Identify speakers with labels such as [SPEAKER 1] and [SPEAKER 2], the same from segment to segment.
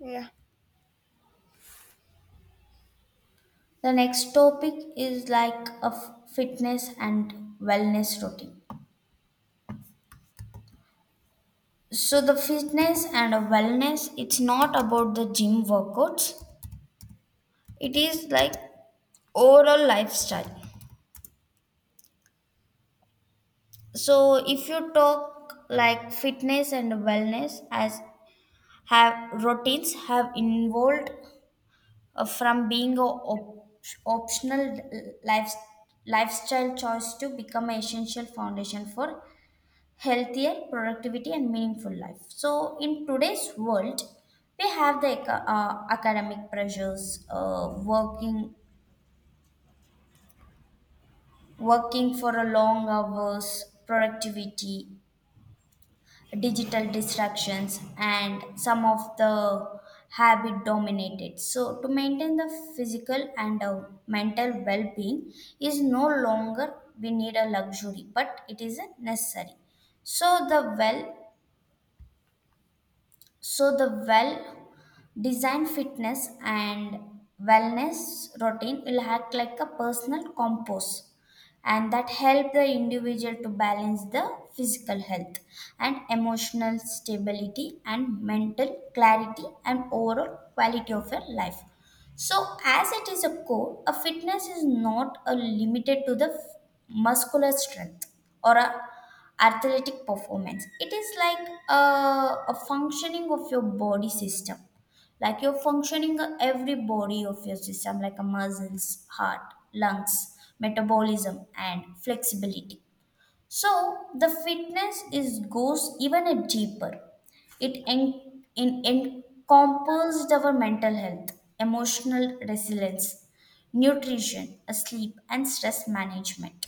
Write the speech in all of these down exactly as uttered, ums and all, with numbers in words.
[SPEAKER 1] Yeah.
[SPEAKER 2] The next topic is like a f- fitness and wellness routine. So the fitness and a wellness, it's not about the gym workouts. It is like overall lifestyle. So if you talk like fitness and wellness as have routines have involved uh, from being a op- optional life- lifestyle choice to become an essential foundation for healthier productivity and meaningful life, so in today's world we have the aca- uh, academic pressures, uh, working working for a long hours productivity, digital distractions, and some of the habit dominated. So to maintain the physical and uh, mental well-being is no longer we need a luxury, but it is a necessary. So the well, so the well design fitness and wellness routine will act like a personal compass, and that help the individual to balance the physical health and emotional stability and mental clarity and overall quality of your life. So, as it is a core, a fitness is not a limited to the f- muscular strength or a athletic performance. It is like a, a functioning of your body system, like you're functioning of every body of your system, like a muscles, heart, lungs, metabolism, and flexibility. So the fitness is goes even a deeper. It, en- it encompasses our mental health, emotional resilience, nutrition, sleep, and stress management,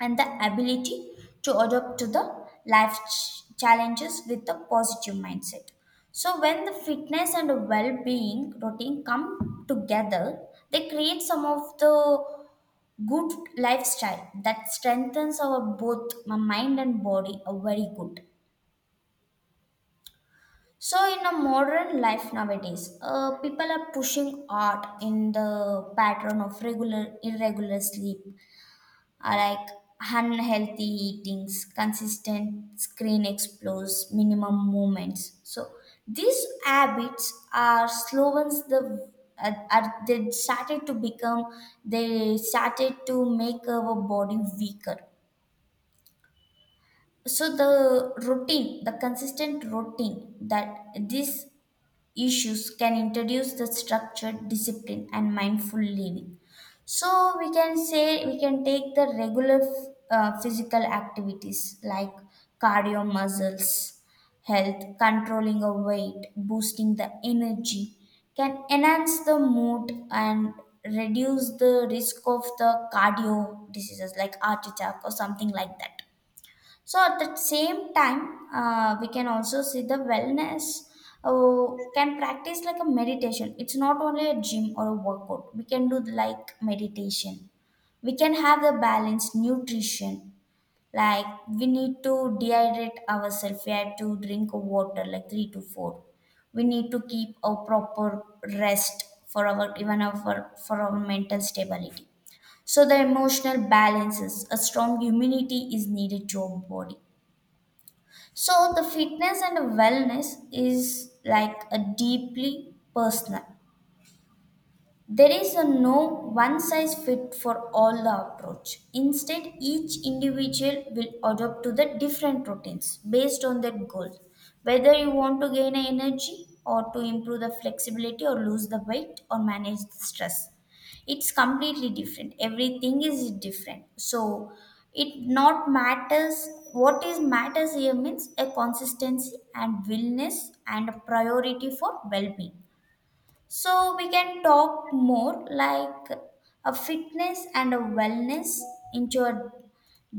[SPEAKER 2] and the ability to adapt to the life ch- challenges with a positive mindset. So when the fitness and well-being routine come together, they create some of the good lifestyle that strengthens our both my mind and body are very good. So in a modern life nowadays, uh, people are pushing art in the pattern of regular irregular sleep, uh, like unhealthy eatings, consistent screen explores, minimum movements. So these habits are slowens the are, are they started to become, they started to make our body weaker. So the routine, the consistent routine that these issues can introduce the structured discipline and mindful living. So we can say we can take the regular uh, physical activities like cardio muscles health, controlling a weight, boosting the energy, can enhance the mood and reduce the risk of the cardio diseases like heart attack or something like that. So at the same time, uh, we can also see the wellness uh, can practice like a meditation. It's not only a gym or a workout. We can do the, like meditation. We can have the balanced nutrition. Like we need to dehydrate ourselves. We have to drink water like three to four. We need to keep a proper rest for our even our for our mental stability. So the emotional balances, a strong immunity is needed to our body. So the fitness and wellness is like a deeply personal. There is a no one size fit for all approach. Instead, each individual will adopt to the different routines based on their goal, whether you want to gain energy or to improve the flexibility or lose the weight or manage the stress. It's completely different. Everything is different. So it not matters what is matters here means a consistency and willness and a priority for well-being. So we can talk more like a fitness and a wellness into a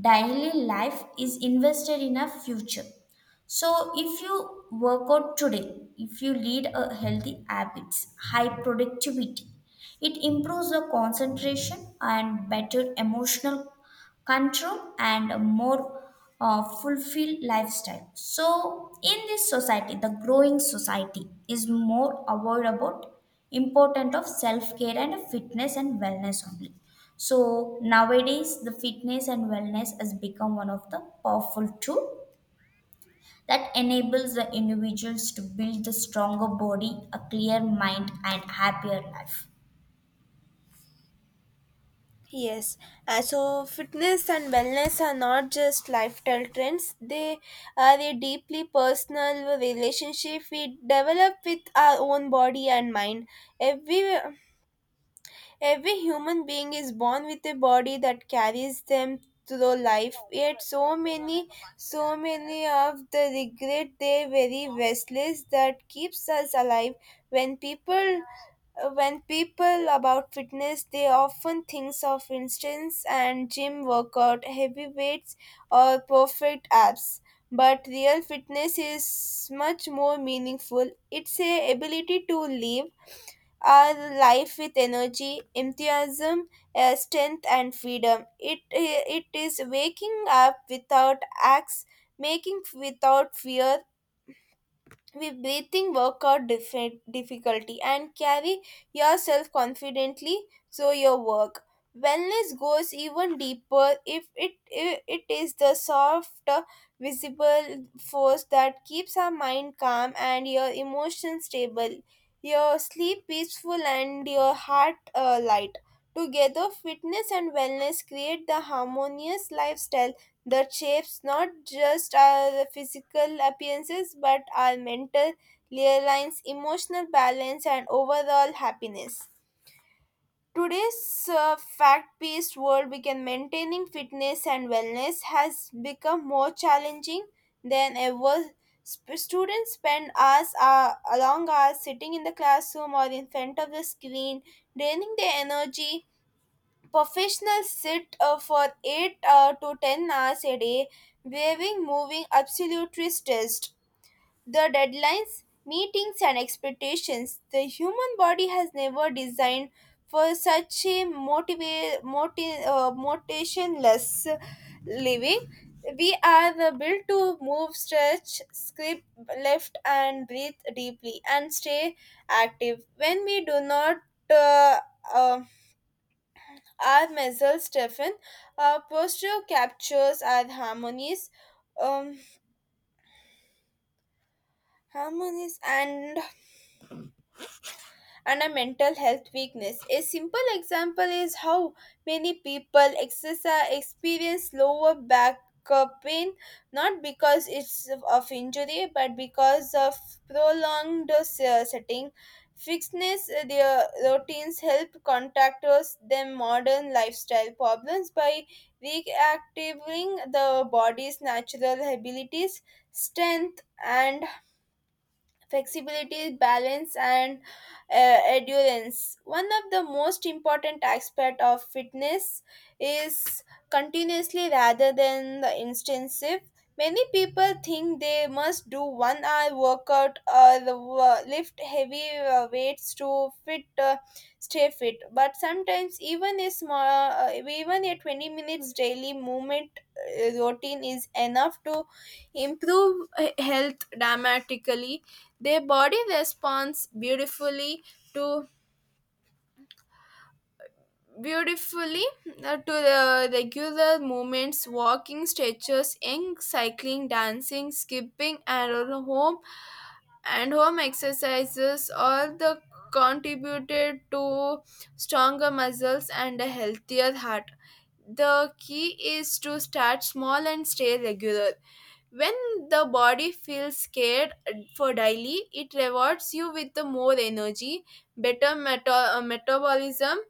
[SPEAKER 2] daily life is invested in a future. So if you work out today, if you lead a healthy habits, high productivity, it improves the concentration and better emotional control and a more uh, fulfilled lifestyle. So in this society, the growing society is more aware about important of self-care and fitness and wellness only. So nowadays, the fitness and wellness has become one of the powerful tool that enables the individuals to build a stronger body, a clear mind, and happier life.
[SPEAKER 1] Yes. Uh, so fitness and wellness are not just lifestyle trends. They are a deeply personal relationship we develop with our own body and mind. Every Every human being is born with a body that carries them through life, yet so many, so many of the regret they very restless that keeps us alive. When people when people about fitness they often thinks of instance and gym workout heavy weights or perfect abs, but real fitness is much more meaningful. It's a ability to live our life with energy, enthusiasm, uh, strength, and freedom. It, uh, it is waking up without acts, making without fear, with breathing workout dif- difficulty and carry yourself confidently through your work. Wellness goes even deeper. If it i- it is the soft uh, visible force that keeps our mind calm and your emotions stable, your sleep peaceful and your heart uh, light. Together fitness and wellness create the harmonious lifestyle that shapes not just our physical appearances but our mental lines, emotional balance, and overall happiness. Today's uh, fact based world, began maintaining fitness and wellness has become more challenging than ever. Sp- students spend hours, uh, long hours sitting in the classroom or in front of the screen, draining their energy. Professionals sit uh, for eight uh, to ten hours a day, waiving moving absolutely stressed. The deadlines, meetings, and expectations. The human body has never designed for such a motiva- moti- uh, motivationless living. We are the built to move, stretch, script left, and breathe deeply and stay active. When we do not uh, uh, I myself, Stefan, uh, posture captures our harmonies, um, harmonies and and a mental health weakness. A simple example is how many people exercise, experience lower back uh, pain, not because it's of injury but because of prolonged uh, setting. Fixedness, uh, their routines help contractors them modern lifestyle problems by reactivating the body's natural abilities, strength, and flexibility, balance, and uh, endurance. One of the most important aspect of fitness is continuously rather than the intensive. Many people think they must do one hour workout or the uh, lift heavy uh, weights to fit uh, stay fit. But sometimes even a small, uh, even a twenty minutes daily movement uh, routine is enough to improve uh, health dramatically. Their body responds beautifully to beautifully uh, to the regular movements walking stretches in cycling dancing skipping and all home and home exercises all the contributed to stronger muscles and a healthier heart. The key is to start small and stay regular. When the body feels scared for daily, it rewards you with the more energy, better meta- uh, metabolism,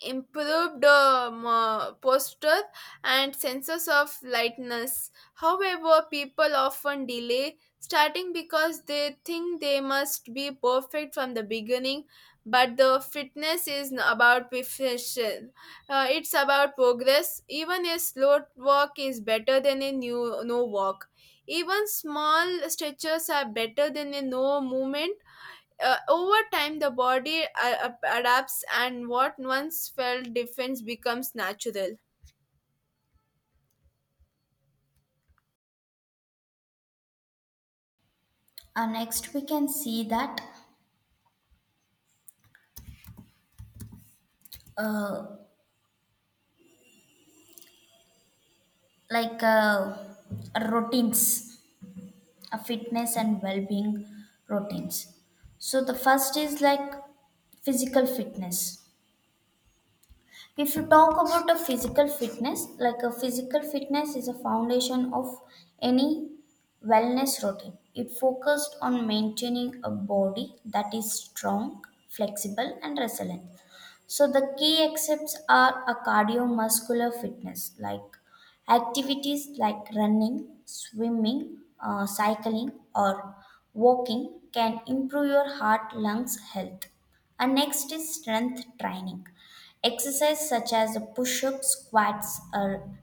[SPEAKER 1] improved um, uh, posture and senses of lightness. However, people often delay starting because they think they must be perfect from the beginning. But the fitness is n- about perfection. Uh, it's about progress. Even a slow walk is better than a new no walk. Even small stretches are better than a no movement. Uh, over time the body uh, ap- adapts and what once felt defense becomes natural.
[SPEAKER 2] Uh, next, we can see that uh, like uh, routines, uh, fitness and well-being routines. So the first is like physical fitness. If you talk about a physical fitness, like a physical fitness is a foundation of any wellness routine. It focused on maintaining a body that is strong, flexible, and resilient. So the key excepts are a cardio-muscular fitness, like activities like running, swimming, uh, cycling, or walking can improve your heart lungs health. And next is strength training. Exercise such as push ups, squats, or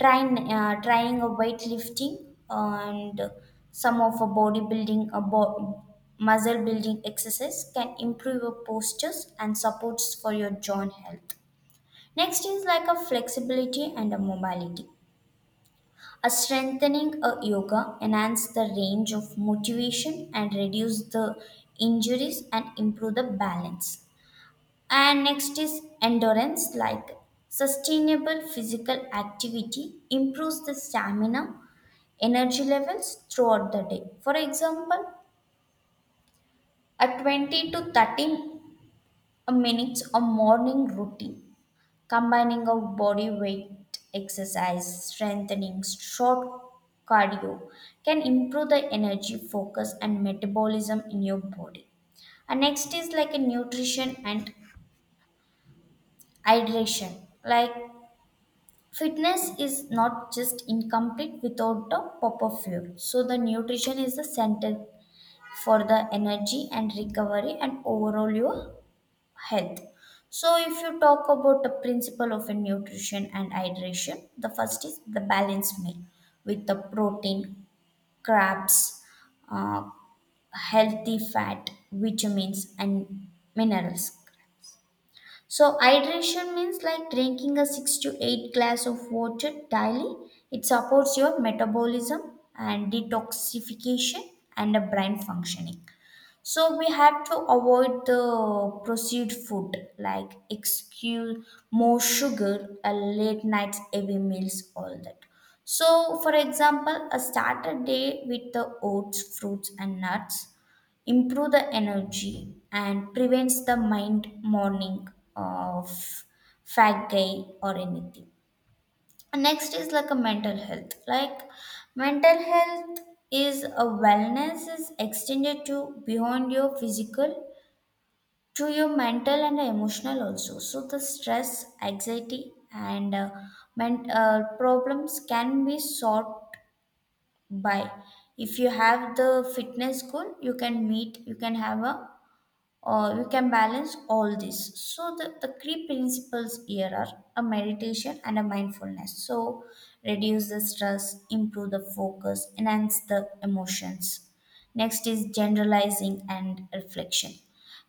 [SPEAKER 2] trying uh, trying a weightlifting, and some of a bodybuilding a bo- muscle building exercise can improve your postures and supports for your joint health. Next is like a flexibility and a mobility, a strengthening a yoga enhance the range of motivation and reduce the injuries and improve the balance. And next is endurance, like sustainable physical activity improves the stamina energy levels throughout the day. For example, a twenty to thirty minutes of morning routine, combining of body weight exercise, strengthening, short cardio, can improve the energy, focus, and metabolism in your body. And next is like a nutrition and hydration. Like fitness is not just incomplete without the proper fuel. So the nutrition is the center for the energy and recovery and overall your health. So if you talk about the principle of a nutrition and hydration, the first is the balanced meal with the protein, carbs, uh, healthy fat, vitamins, and minerals. So hydration means like drinking a six to eight glass of water daily. It supports your metabolism and detoxification and a brain functioning. So we have to avoid the proceed food like excuse more sugar, a late nights heavy meals, all that. So for example, a starter day with the oats, fruits, and nuts improve the energy and prevents the mind morning of fat guy or anything. Next is like a mental health. Like mental health is a wellness is extended to beyond your physical to your mental and emotional also. So the stress, anxiety, and uh, men- uh, problems can be solved by if you have the fitness goal you can meet, you can have a, uh, you can balance all this. So the, the three principles here are a meditation and a mindfulness. So reduce the stress, improve the focus, enhance the emotions. Next is generalizing and reflection.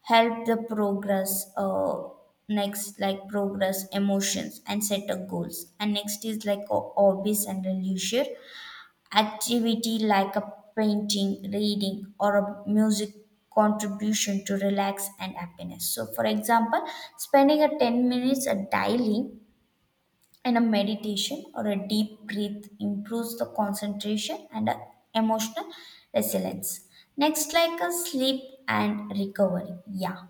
[SPEAKER 2] Help the progress. Uh, next like progress, emotions, and set of goals. And next is like ho- hobbies and leisure. Activity like a painting, reading, or a music contribution to relax and happiness. So, for example, spending a ten minutes a daily in a meditation or a deep breath improves the concentration and a emotional resilience. Next, like a sleep and recovery. Yeah.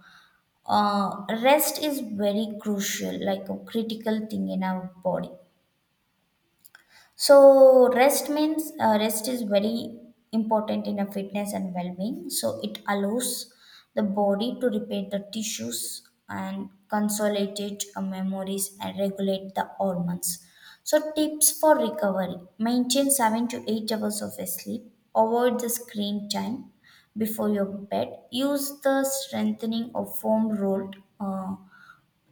[SPEAKER 2] Uh, rest is very crucial, like a critical thing in our body. So rest means, uh, rest is very important in a fitness and well-being. So it allows the body to repair the tissues and consolidate uh, memories and regulate the hormones. So tips for recovery: maintain seven to eight hours of sleep. Avoid the screen time before your bed. Use the strengthening or foam rolled Uh,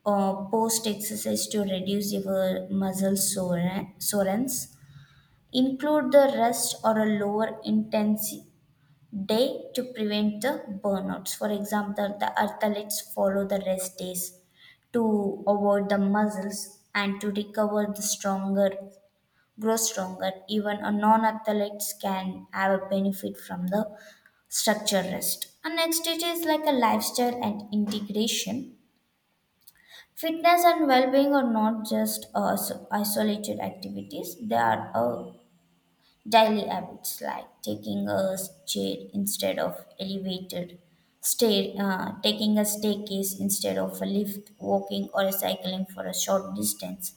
[SPEAKER 2] uh, post exercise to reduce your muscle sore- soreness. Include the rest or a lower intensity day to prevent the burnouts. For example, the athletes follow the rest days to avoid the muscles and to recover the stronger, grow stronger. Even a non-athletes can have a benefit from the structure rest. And next it is like a lifestyle and integration. Fitness and well-being are not just uh, so- isolated activities. They are a daily habits like taking a chair instead of elevator, stair, uh, taking a staircase instead of a lift, walking or cycling for a short distance,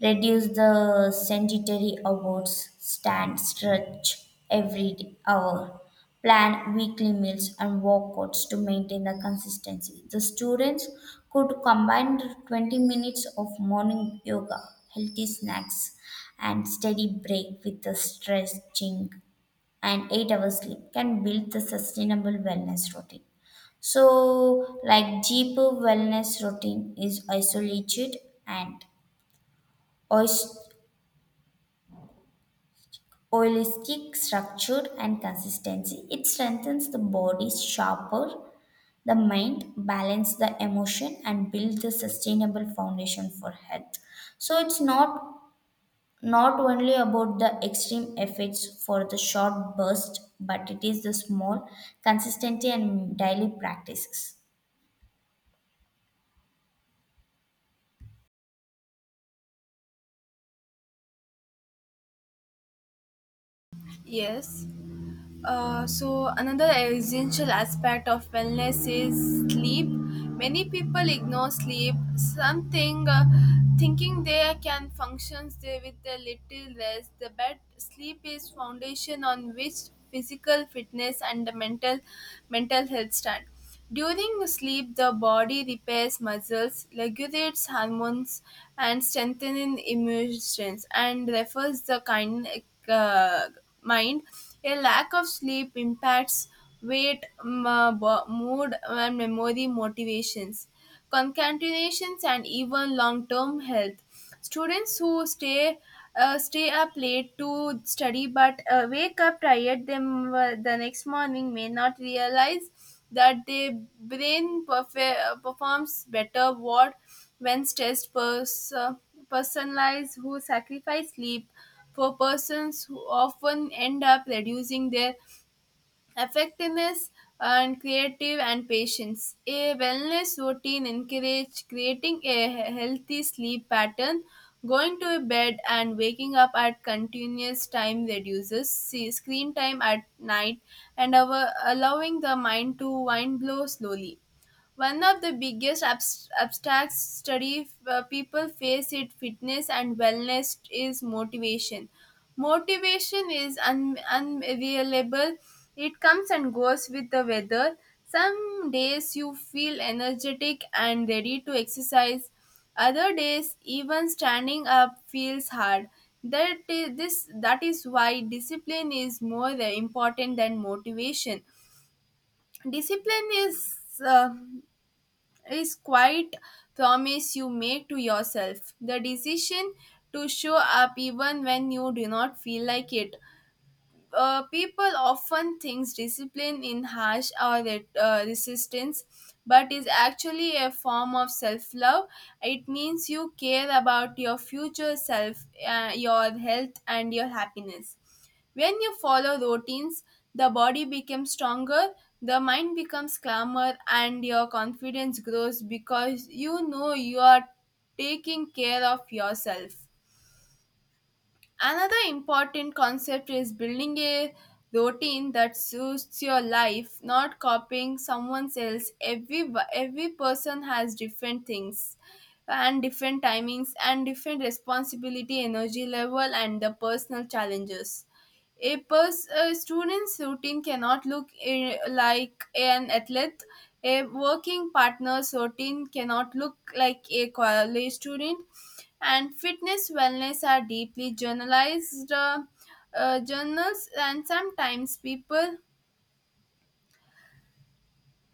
[SPEAKER 2] reduce the sanitary awards, stand stretch every hour, plan weekly meals and workouts to maintain the consistency. The students could combine twenty minutes of morning yoga, healthy snacks, and steady break with the stretching and eight hours sleep can build the sustainable wellness routine. So, like deep wellness routine is isolated and ois- holistic structure and consistency. It strengthens the body, sharper the mind, balance the emotion, and build the sustainable foundation for health. So it's not not only about the extreme effects for the short burst, but it is the small consistency and daily practices.
[SPEAKER 1] Yes. Uh, so another essential aspect of wellness is sleep. Many people ignore sleep. Something uh, Thinking they can function there with a little rest. The bed sleep is foundation on which physical fitness and the mental mental health stand. During sleep, the body repairs muscles, regulates hormones, and strengthens immune strength, and refers the kind, uh, mind. A lack of sleep impacts weight, m- uh, bo- mood, and memory motivations, concatenations, and even long term health. Students who stay uh, stay up late to study but uh, wake up tired them uh, the next morning may not realize that their brain perfe- uh, performs better what when stressed pers- uh, personalize who sacrifice sleep for persons who often end up reducing their effectiveness and creative and patience. A wellness routine encourages creating a he- healthy sleep pattern. Going to bed and waking up at continuous time reduces see, screen time at night and our, allowing the mind to wind blow slowly. One of the biggest abs- abstract study uh, people face it fitness and wellness is motivation. Motivation is un- unreliable, it comes and goes with the weather. Some days you feel energetic and ready to exercise, other days, even standing up feels hard. That is, this, that is why discipline is more important than motivation. Discipline is uh, is quite promise you make to yourself, the decision to show up even when you do not feel like it. Uh, people often thinks discipline in harsh or re- uh, resistance, but is actually a form of self-love. It means you care about your future self uh, your health and your happiness. When you follow routines, the body becomes stronger, the mind becomes calmer and your confidence grows because you know you are taking care of yourself. Another important concept is building a routine that suits your life, not copying someone else. Every every person has different things and different timings and different responsibility, energy level and the personal challenges. A, pers- a student's routine cannot look eh, like an athlete. A working partner's routine cannot look like a college student. And fitness wellness are deeply journalized uh, uh, journals, and sometimes people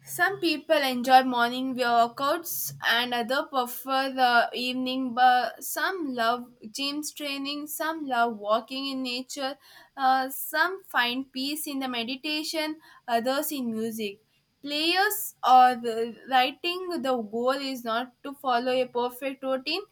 [SPEAKER 1] some people enjoy morning workouts and other prefer the evening, but some love gym training, some love walking in nature, uh, some find peace in the meditation, others in music. Players or the writing, the goal is not to follow a perfect routine,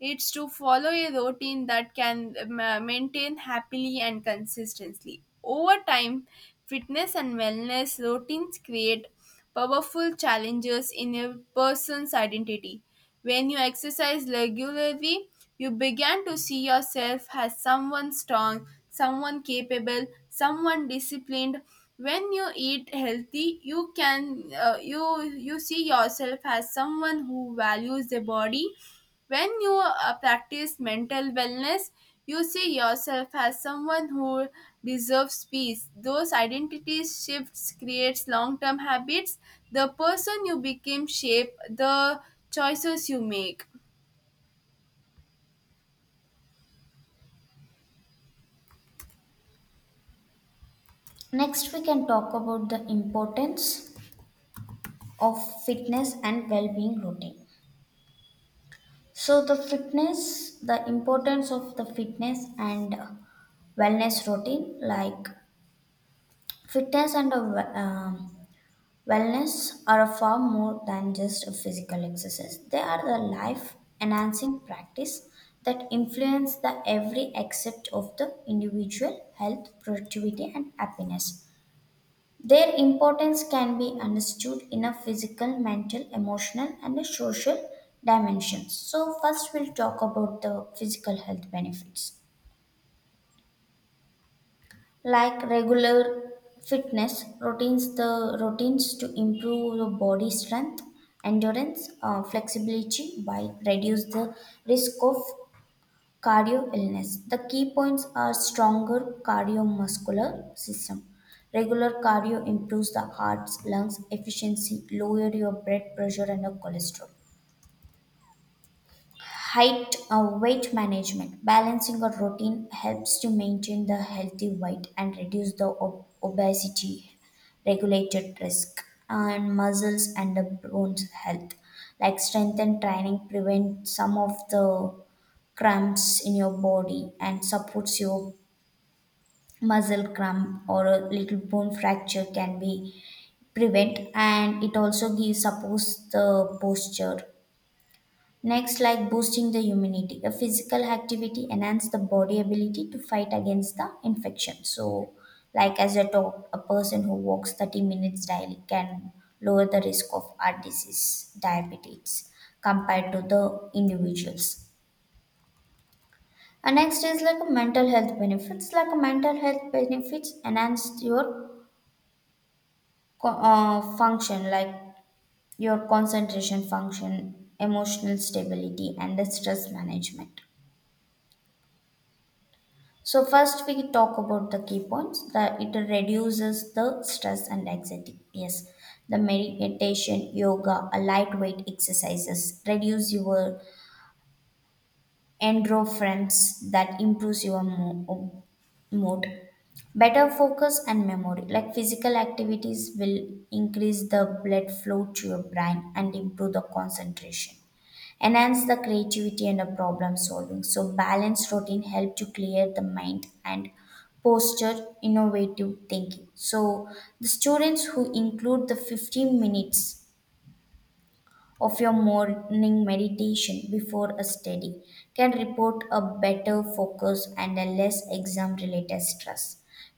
[SPEAKER 1] it's to follow a routine that can ma- maintain happily and consistently. Over time, fitness and wellness routines create powerful challenges in a person's identity. When you exercise regularly, you begin to see yourself as someone strong, someone capable, someone disciplined. When you eat healthy, you can uh, you you see yourself as someone who values their body. When you uh, practice mental wellness, you see yourself as someone who deserves peace. Those identity shifts creates long-term habits. The person you became shape the choices you make.
[SPEAKER 2] Next, we can talk about the importance of fitness and well being routine. So, the fitness, the importance of the fitness and wellness routine, like fitness and a, we- um, wellness are a far more than just a physical exercise. They are the life enhancing practice that influence the every aspect of the individual health, productivity, and happiness. Their importance can be understood in a physical, mental, emotional, and a social dimensions. So, first we'll talk about the physical health benefits like regular fitness routines, the routines to improve the body strength, endurance, uh, flexibility by reduce the risk of cardio illness. The key points are stronger cardiovascular system. Regular cardio improves the heart's lungs efficiency, lower your blood pressure and your cholesterol. Height uh, weight management. Balancing a routine helps to maintain the healthy weight and reduce the ob- obesity regulated risk and muscles and the bones health. Like strength and training prevent some of the cramps in your body and supports your muscle cramp, or a little bone fracture can be prevent, and it also gives supports the posture. Next, like boosting the immunity, a physical activity enhance the body ability to fight against the infection. So like as a talk, a person who walks thirty minutes daily can lower the risk of heart disease diabetes compared to the individuals. And next is like a mental health benefits. Like a mental health benefits enhance your co- uh, function, like your concentration function, emotional stability, and the stress management. So first we talk about the key points that it reduces the stress and anxiety. Yes, the meditation, yoga, a lightweight exercises reduce your endorphins that improves your mo- o- mood. Better focus and memory, like physical activities will increase the blood flow to your brain and improve the concentration, enhance the creativity and the problem solving. So balanced routine help to clear the mind and posture innovative thinking. So the students who include the fifteen minutes of your morning meditation before a study can report a better focus and a less exam related stress.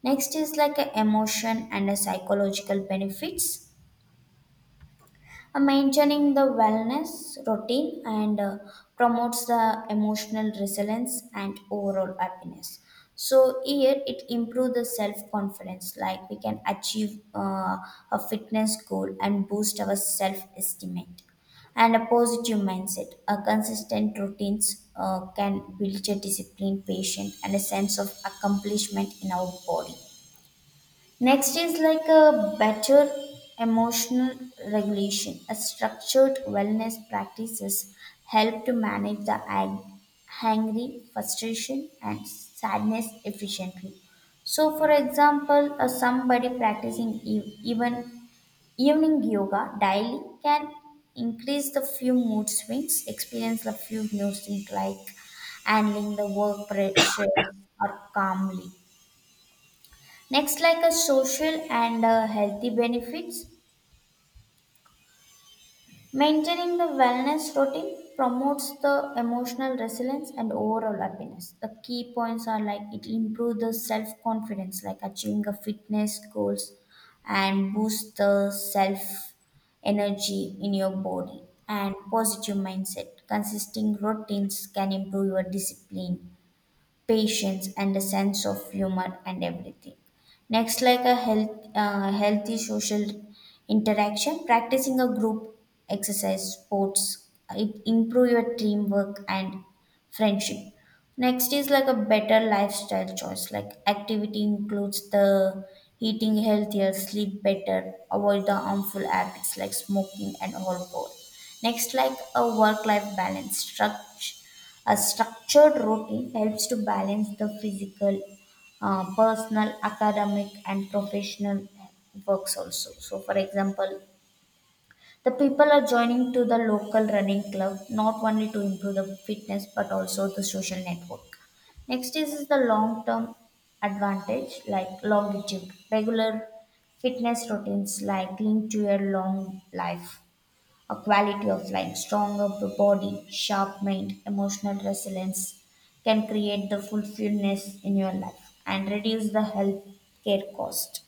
[SPEAKER 2] Next is like a emotion and a psychological benefits. Uh, maintaining the wellness routine and uh, promotes the emotional resilience and overall happiness. So here it improves the self confidence, like we can achieve uh, a fitness goal and boost our self estimate and a positive mindset. A consistent routines uh, can build a discipline patient and a sense of accomplishment in our body. Next is like a better emotional regulation. A structured wellness practices help to manage the ang- angry, frustration, and sadness efficiently. So, for example, uh, somebody practicing e- even evening yoga daily can increase the few mood swings, experience the few new things like handling the work pressure or calmly. Next, like a social and uh, healthy benefits, maintaining the wellness routine promotes the emotional resilience and overall happiness. The key points are like it improves the self confidence, like achieving the fitness goals, and boost the self energy in your body and positive mindset. Consisting routines can improve your discipline patience and a sense of humor and everything. Next like a health uh, healthy social interaction, practicing a group exercise sports, it improve your teamwork and friendship. Next is like a better lifestyle choice, like activity includes the eating healthier, sleep better, avoid the harmful habits like smoking and alcohol. Next like a work life balance structure, a structured routine helps to balance the physical, uh, personal, academic, and professional works also. So, for example, the people are joining to the local running club not only to improve the fitness but also the social network. Next is the long term advantage like longevity, regular fitness routines like linked to your long life, a quality of life, stronger body, sharp mind, emotional resilience can create the fulfillment in your life and reduce the health care cost,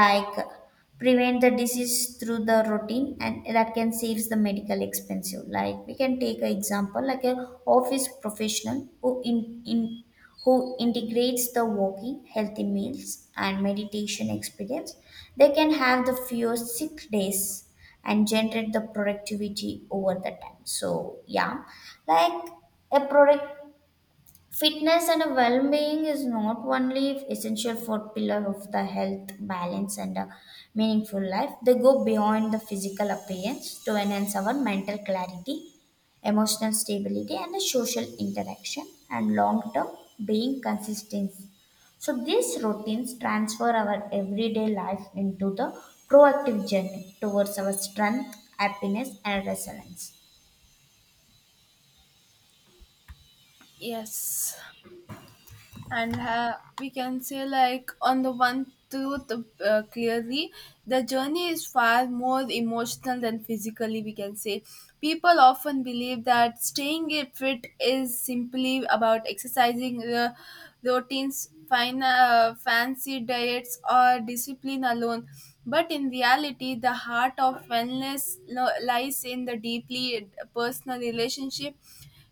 [SPEAKER 2] like prevent the disease through the routine and that can saves the medical expensive. Like we can take an example like a office professional who in, in who integrates the walking healthy meals and meditation experience, they can have the fewer sick days and generate the productivity over the time. So yeah, like a product. Fitness and well-being is not only essential for pillar of the health, balance, and a meaningful life. They go beyond the physical appearance to enhance our mental clarity, emotional stability, and the social interaction and long-term being consistency. So these routines transfer our everyday life into the proactive journey towards our strength, happiness, and resilience.
[SPEAKER 1] Yes. and uh, we can say like on the one truth uh, clearly the journey is far more emotional than physically, we can say. People often believe that staying fit is simply about exercising the routines fine uh, fancy diets or discipline alone, but in reality the heart of wellness lo- lies in the deeply personal relationship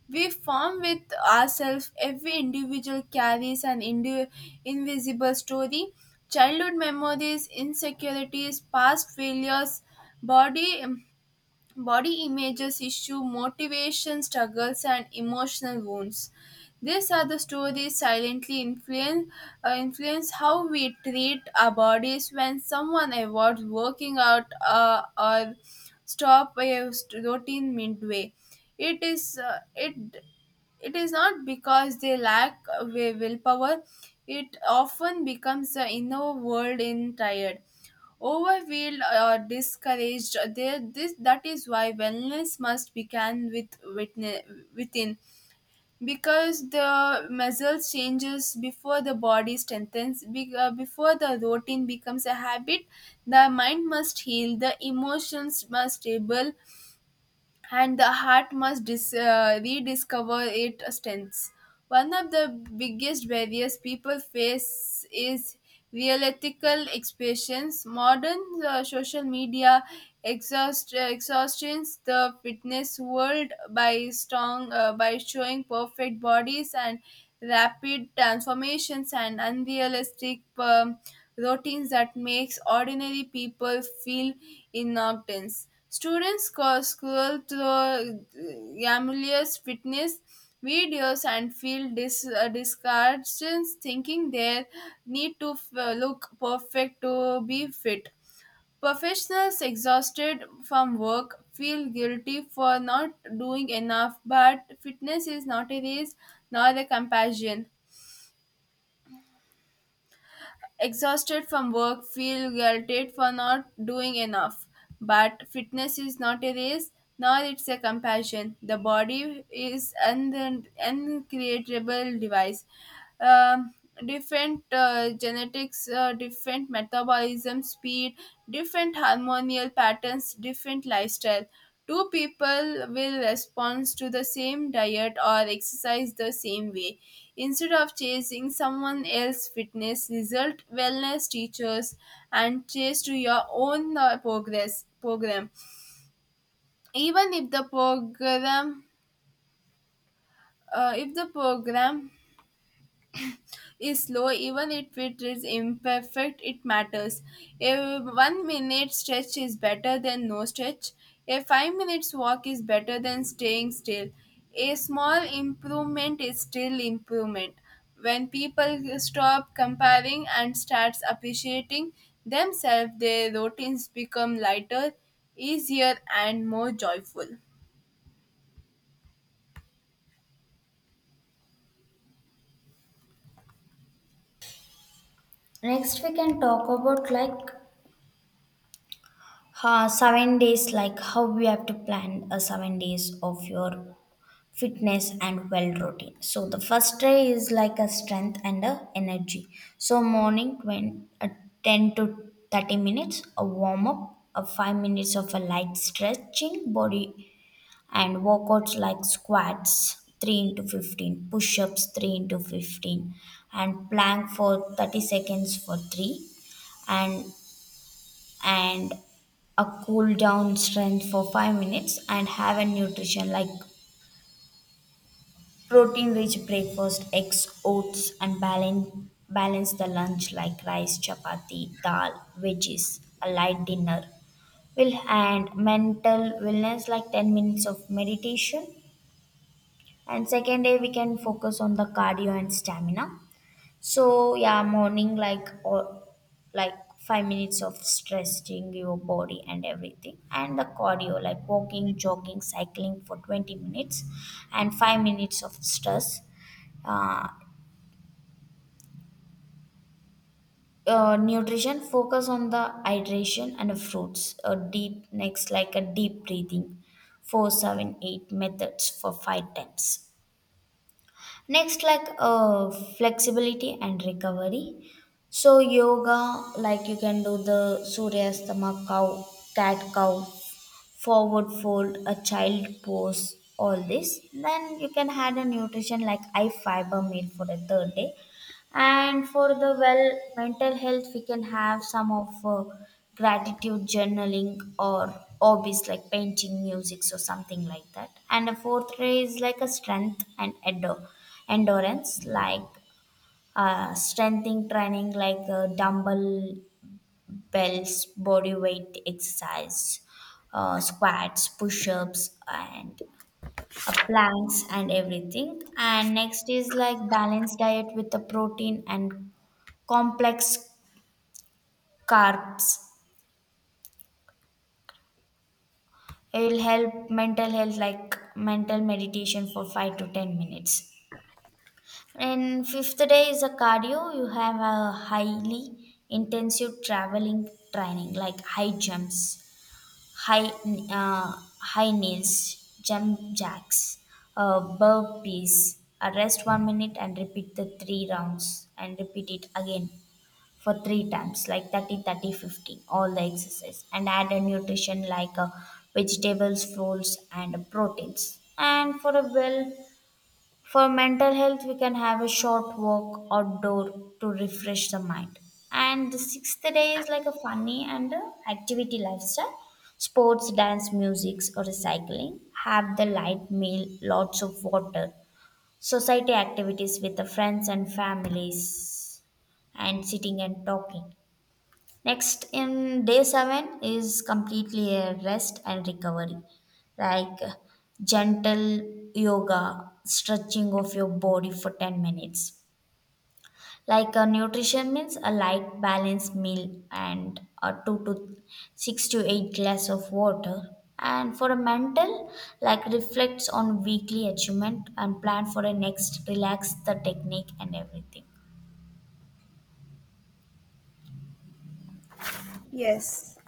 [SPEAKER 1] we form with ourselves. Every individual carries an indi- invisible story. Childhood memories, insecurities, past failures, body body images issue motivation struggles and emotional wounds, these are the stories silently influence uh, influence how we treat our bodies. When someone avoids working out uh, or stop a st- routine midway, it is uh, it it is not because they lack uh, wi- willpower. It often becomes the inner world in tired, overwhelmed or discouraged. There this That is why wellness must begin with witne- within, because the muscles changes before the body strengthens be- uh, before the routine becomes a habit. The mind must heal, the emotions must stable, and the heart must dis- uh, rediscover its strengths. One of the biggest barriers people face is realistical expressions. Modern uh, social media exhaust uh, exhausts the fitness world by strong uh, by showing perfect bodies and rapid transformations and unrealistic um, routines that makes ordinary people feel innocuous. Students sco- scroll through uh, Gamaliel's fitness videos and feel dis- uh, discouraged, thinking they need to f- uh, look perfect to be fit. Professionals exhausted from work feel guilty for not doing enough, but fitness is not a race nor a compassion. Exhausted from work, feel guilted for not doing enough. But fitness is not a race, nor it's a compassion. The body is an uncreatable device. Um, Different uh, genetics, uh, different metabolism speed, different hormonal patterns, different lifestyle. Two people will respond to the same diet or exercise the same way. Instead of chasing someone else's fitness result, wellness teachers and chase to your own uh, progress program. Even if the program uh, If the program is slow, even if it is imperfect, it matters. A one minute stretch is better than no stretch. A five minutes walk is better than staying still. A small improvement is still improvement. When people stop comparing and starts appreciating themselves, their routines become lighter, easier and more joyful.
[SPEAKER 2] Next, we can talk about like Uh, seven days, like how we have to plan a seven days of your fitness and well routine. So the first day is like a strength and a energy. So morning when uh, ten to thirty minutes, a warm up, a five minutes of a light stretching body, and workouts like squats. three into fifteen push ups, three into fifteen, and plank for thirty seconds for three, and and a cool down strength for five minutes. And have a nutrition like protein rich breakfast, eggs, oats, and balance balance the lunch like rice, chapati, dal, veggies, a light dinner will. And mental wellness like ten minutes of meditation. And second day we can focus on the cardio and stamina. So yeah, morning like, or like, five minutes of stretching your body and everything, and the cardio like walking, jogging, cycling for twenty minutes, and five minutes of stress. Uh, uh, Nutrition focus on the hydration and the fruits. A deep next like a deep breathing, four seven eight methods for five times. Next like uh, flexibility and recovery. So yoga, like you can do the suryastama cow, cat cow, forward fold, a child pose, all this. Then you can add a nutrition like high fiber meal for the third day. And for the well mental health we can have some of uh, gratitude journaling or hobbies like painting, music, or something like that. And a fourth ray is like a strength and endo- endurance, like uh, strengthening training like uh, dumbbell bells body weight exercise, uh, squats, push-ups, and uh, planks and everything. And next is like balanced diet with the protein and complex carbs. It will help mental health, like mental meditation for five to ten minutes. And fifth day is a cardio. You have a highly intensive traveling training, like high jumps, high uh, high knees, jump jacks, uh, burpees. Uh, Rest one minute and repeat the three rounds and repeat it again, for three times like thirty, thirty, fifteen, all the exercise. And add a nutrition like uh, vegetables, fruits, and proteins. And for a well, for mental health, we can have a short walk outdoor to refresh the mind. And the sixth day is like a funny and a activity lifestyle, sports, dance, music, or cycling. Have the light meal, lots of water, society activities with the friends and families, and sitting and talking. Next, in day seven is completely a rest and recovery, like uh, gentle yoga, stretching of your body for ten minutes. Like a nutrition means a light balanced meal and a two to six to eight glass of water. And for a mental, like reflects on weekly achievement and plan for a next, relax the technique and everything.
[SPEAKER 1] Yes.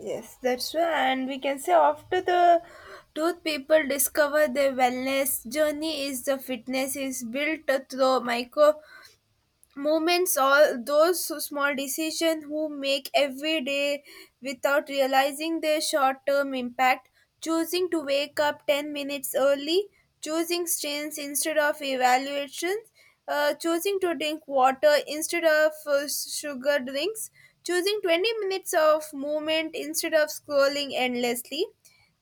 [SPEAKER 1] Yes, that's true. And we can say after the truth, people discover their wellness journey is the fitness is built through micro moments, all those small decisions who make every day without realizing their short term impact. Choosing to wake up ten minutes early, choosing strains instead of evaluations, uh, choosing to drink water instead of uh, sugar drinks, choosing twenty minutes of movement instead of scrolling endlessly,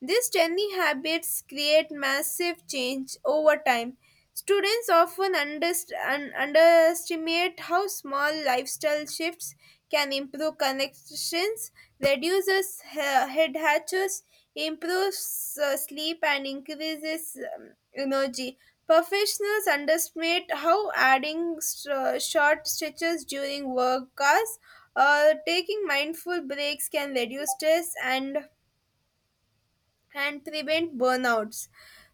[SPEAKER 1] these tiny habits create massive change over time. Students often underst- un- underestimate how small lifestyle shifts can improve connections, reduces he- head hatches, improves uh, sleep, and increases um, energy. Professionals underestimate how adding sh- short stretches during work hours or taking mindful breaks can reduce stress and and prevent burnouts.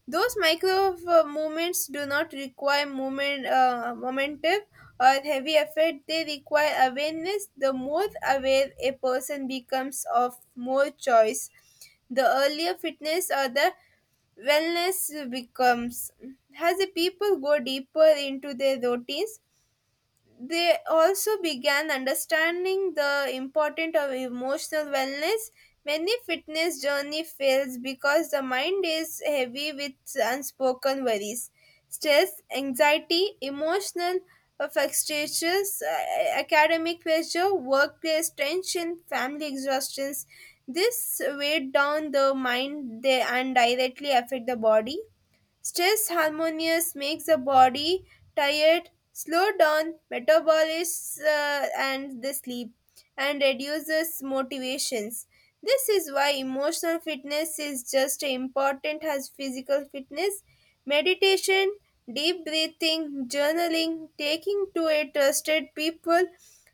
[SPEAKER 1] Those micro uh, movements do not require moment, uh, momentum or heavy effort, they require awareness. The more aware a person becomes of more choice, the earlier fitness or the wellness becomes. As the people go deeper into their routines, they also began understanding the importance of emotional wellness. Many fitness journey fails because the mind is heavy with unspoken worries, stress, anxiety, emotional uh, frustrations, uh, academic pressure, workplace tension, family exhaustions. This weigh down the mind they and directly affect the body. Stress harmonious makes the body tired, slow down metabolism uh, and the sleep, and reduces motivations. This is why emotional fitness is just as important as physical fitness. Meditation, deep breathing, journaling, taking to a trusted people,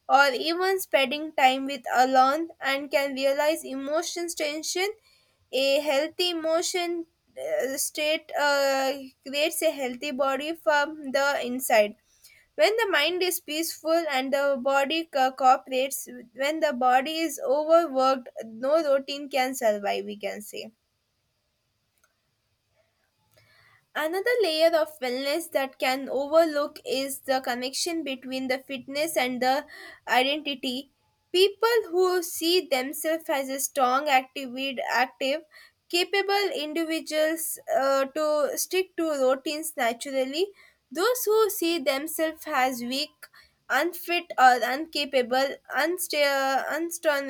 [SPEAKER 1] or even spending time with alone and can realize emotions tension. A healthy emotion uh, state uh, creates a healthy body from the inside. When the mind is peaceful and the body co- cooperates, when the body is overworked, no routine can survive, we can say. Another layer of wellness that can overlook is the connection between the fitness and the identity. People who see themselves as a strong, active, active capable individuals uh, to stick to routines naturally. Those who see themselves as weak, unfit, or incapable, unsta- unstrong,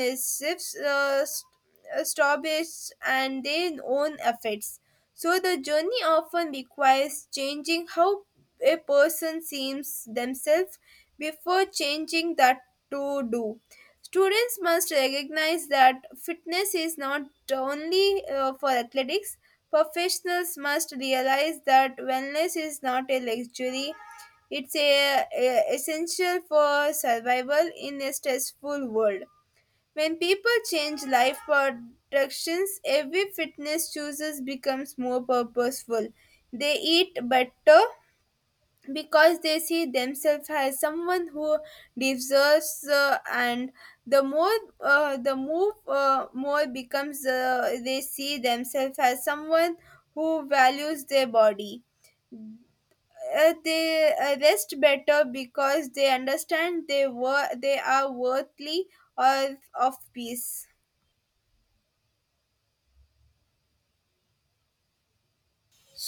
[SPEAKER 1] uh, stories and their own effects. So the journey often requires changing how a person sees themselves before changing that to do. Students must recognize that fitness is not only uh, for athletics. Professionals must realize that wellness is not a luxury. It's a, a- essential for survival in a stressful world. When people change life directions, every fitness choices becomes more purposeful. They eat better because they see themselves as someone who deserves, uh, and the more uh, the move uh, more becomes uh, they see themselves as someone who values their body. Uh, they uh, rest better because they understand they were they are worthy of, of peace.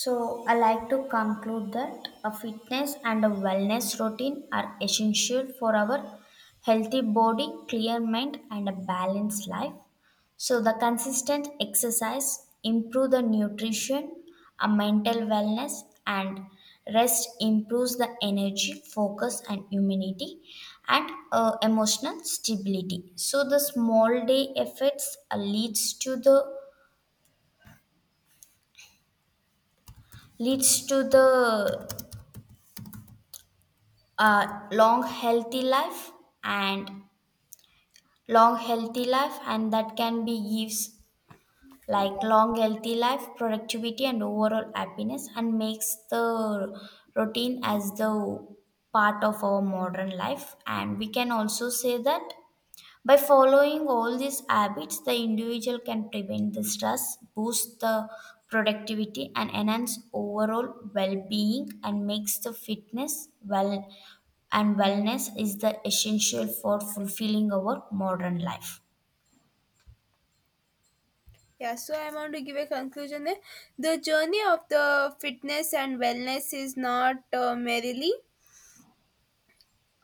[SPEAKER 2] So, I like to conclude that a fitness and a wellness routine are essential for our healthy body, clear mind, and a balanced life. So, the consistent exercise improve the nutrition, a mental wellness, and rest improves the energy, focus, and immunity, and uh, emotional stability. So, the small day effects uh, leads to the leads to the a long healthy life and long healthy life and that can be gives like long healthy life productivity and overall happiness and makes the routine as the part of our modern life. And we can also say that by following all these habits, the individual can prevent the stress, boost the productivity, and enhance overall well-being, and makes the fitness well and wellness is the essential for fulfilling our modern life.
[SPEAKER 1] Yeah, so I want to give a conclusion there. The journey of the fitness and wellness is not uh, merely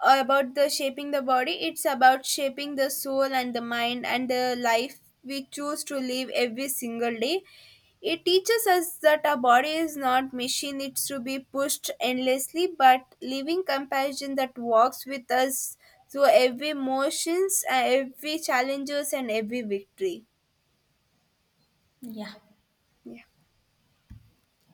[SPEAKER 1] about the shaping the body, it's about shaping the soul and the mind and the life we choose to live every single day. It teaches us that our body is not machine, it's to be pushed endlessly, but living compassion that walks with us through every motions, uh, every challenges and every victory.
[SPEAKER 2] Yeah.
[SPEAKER 1] Yeah.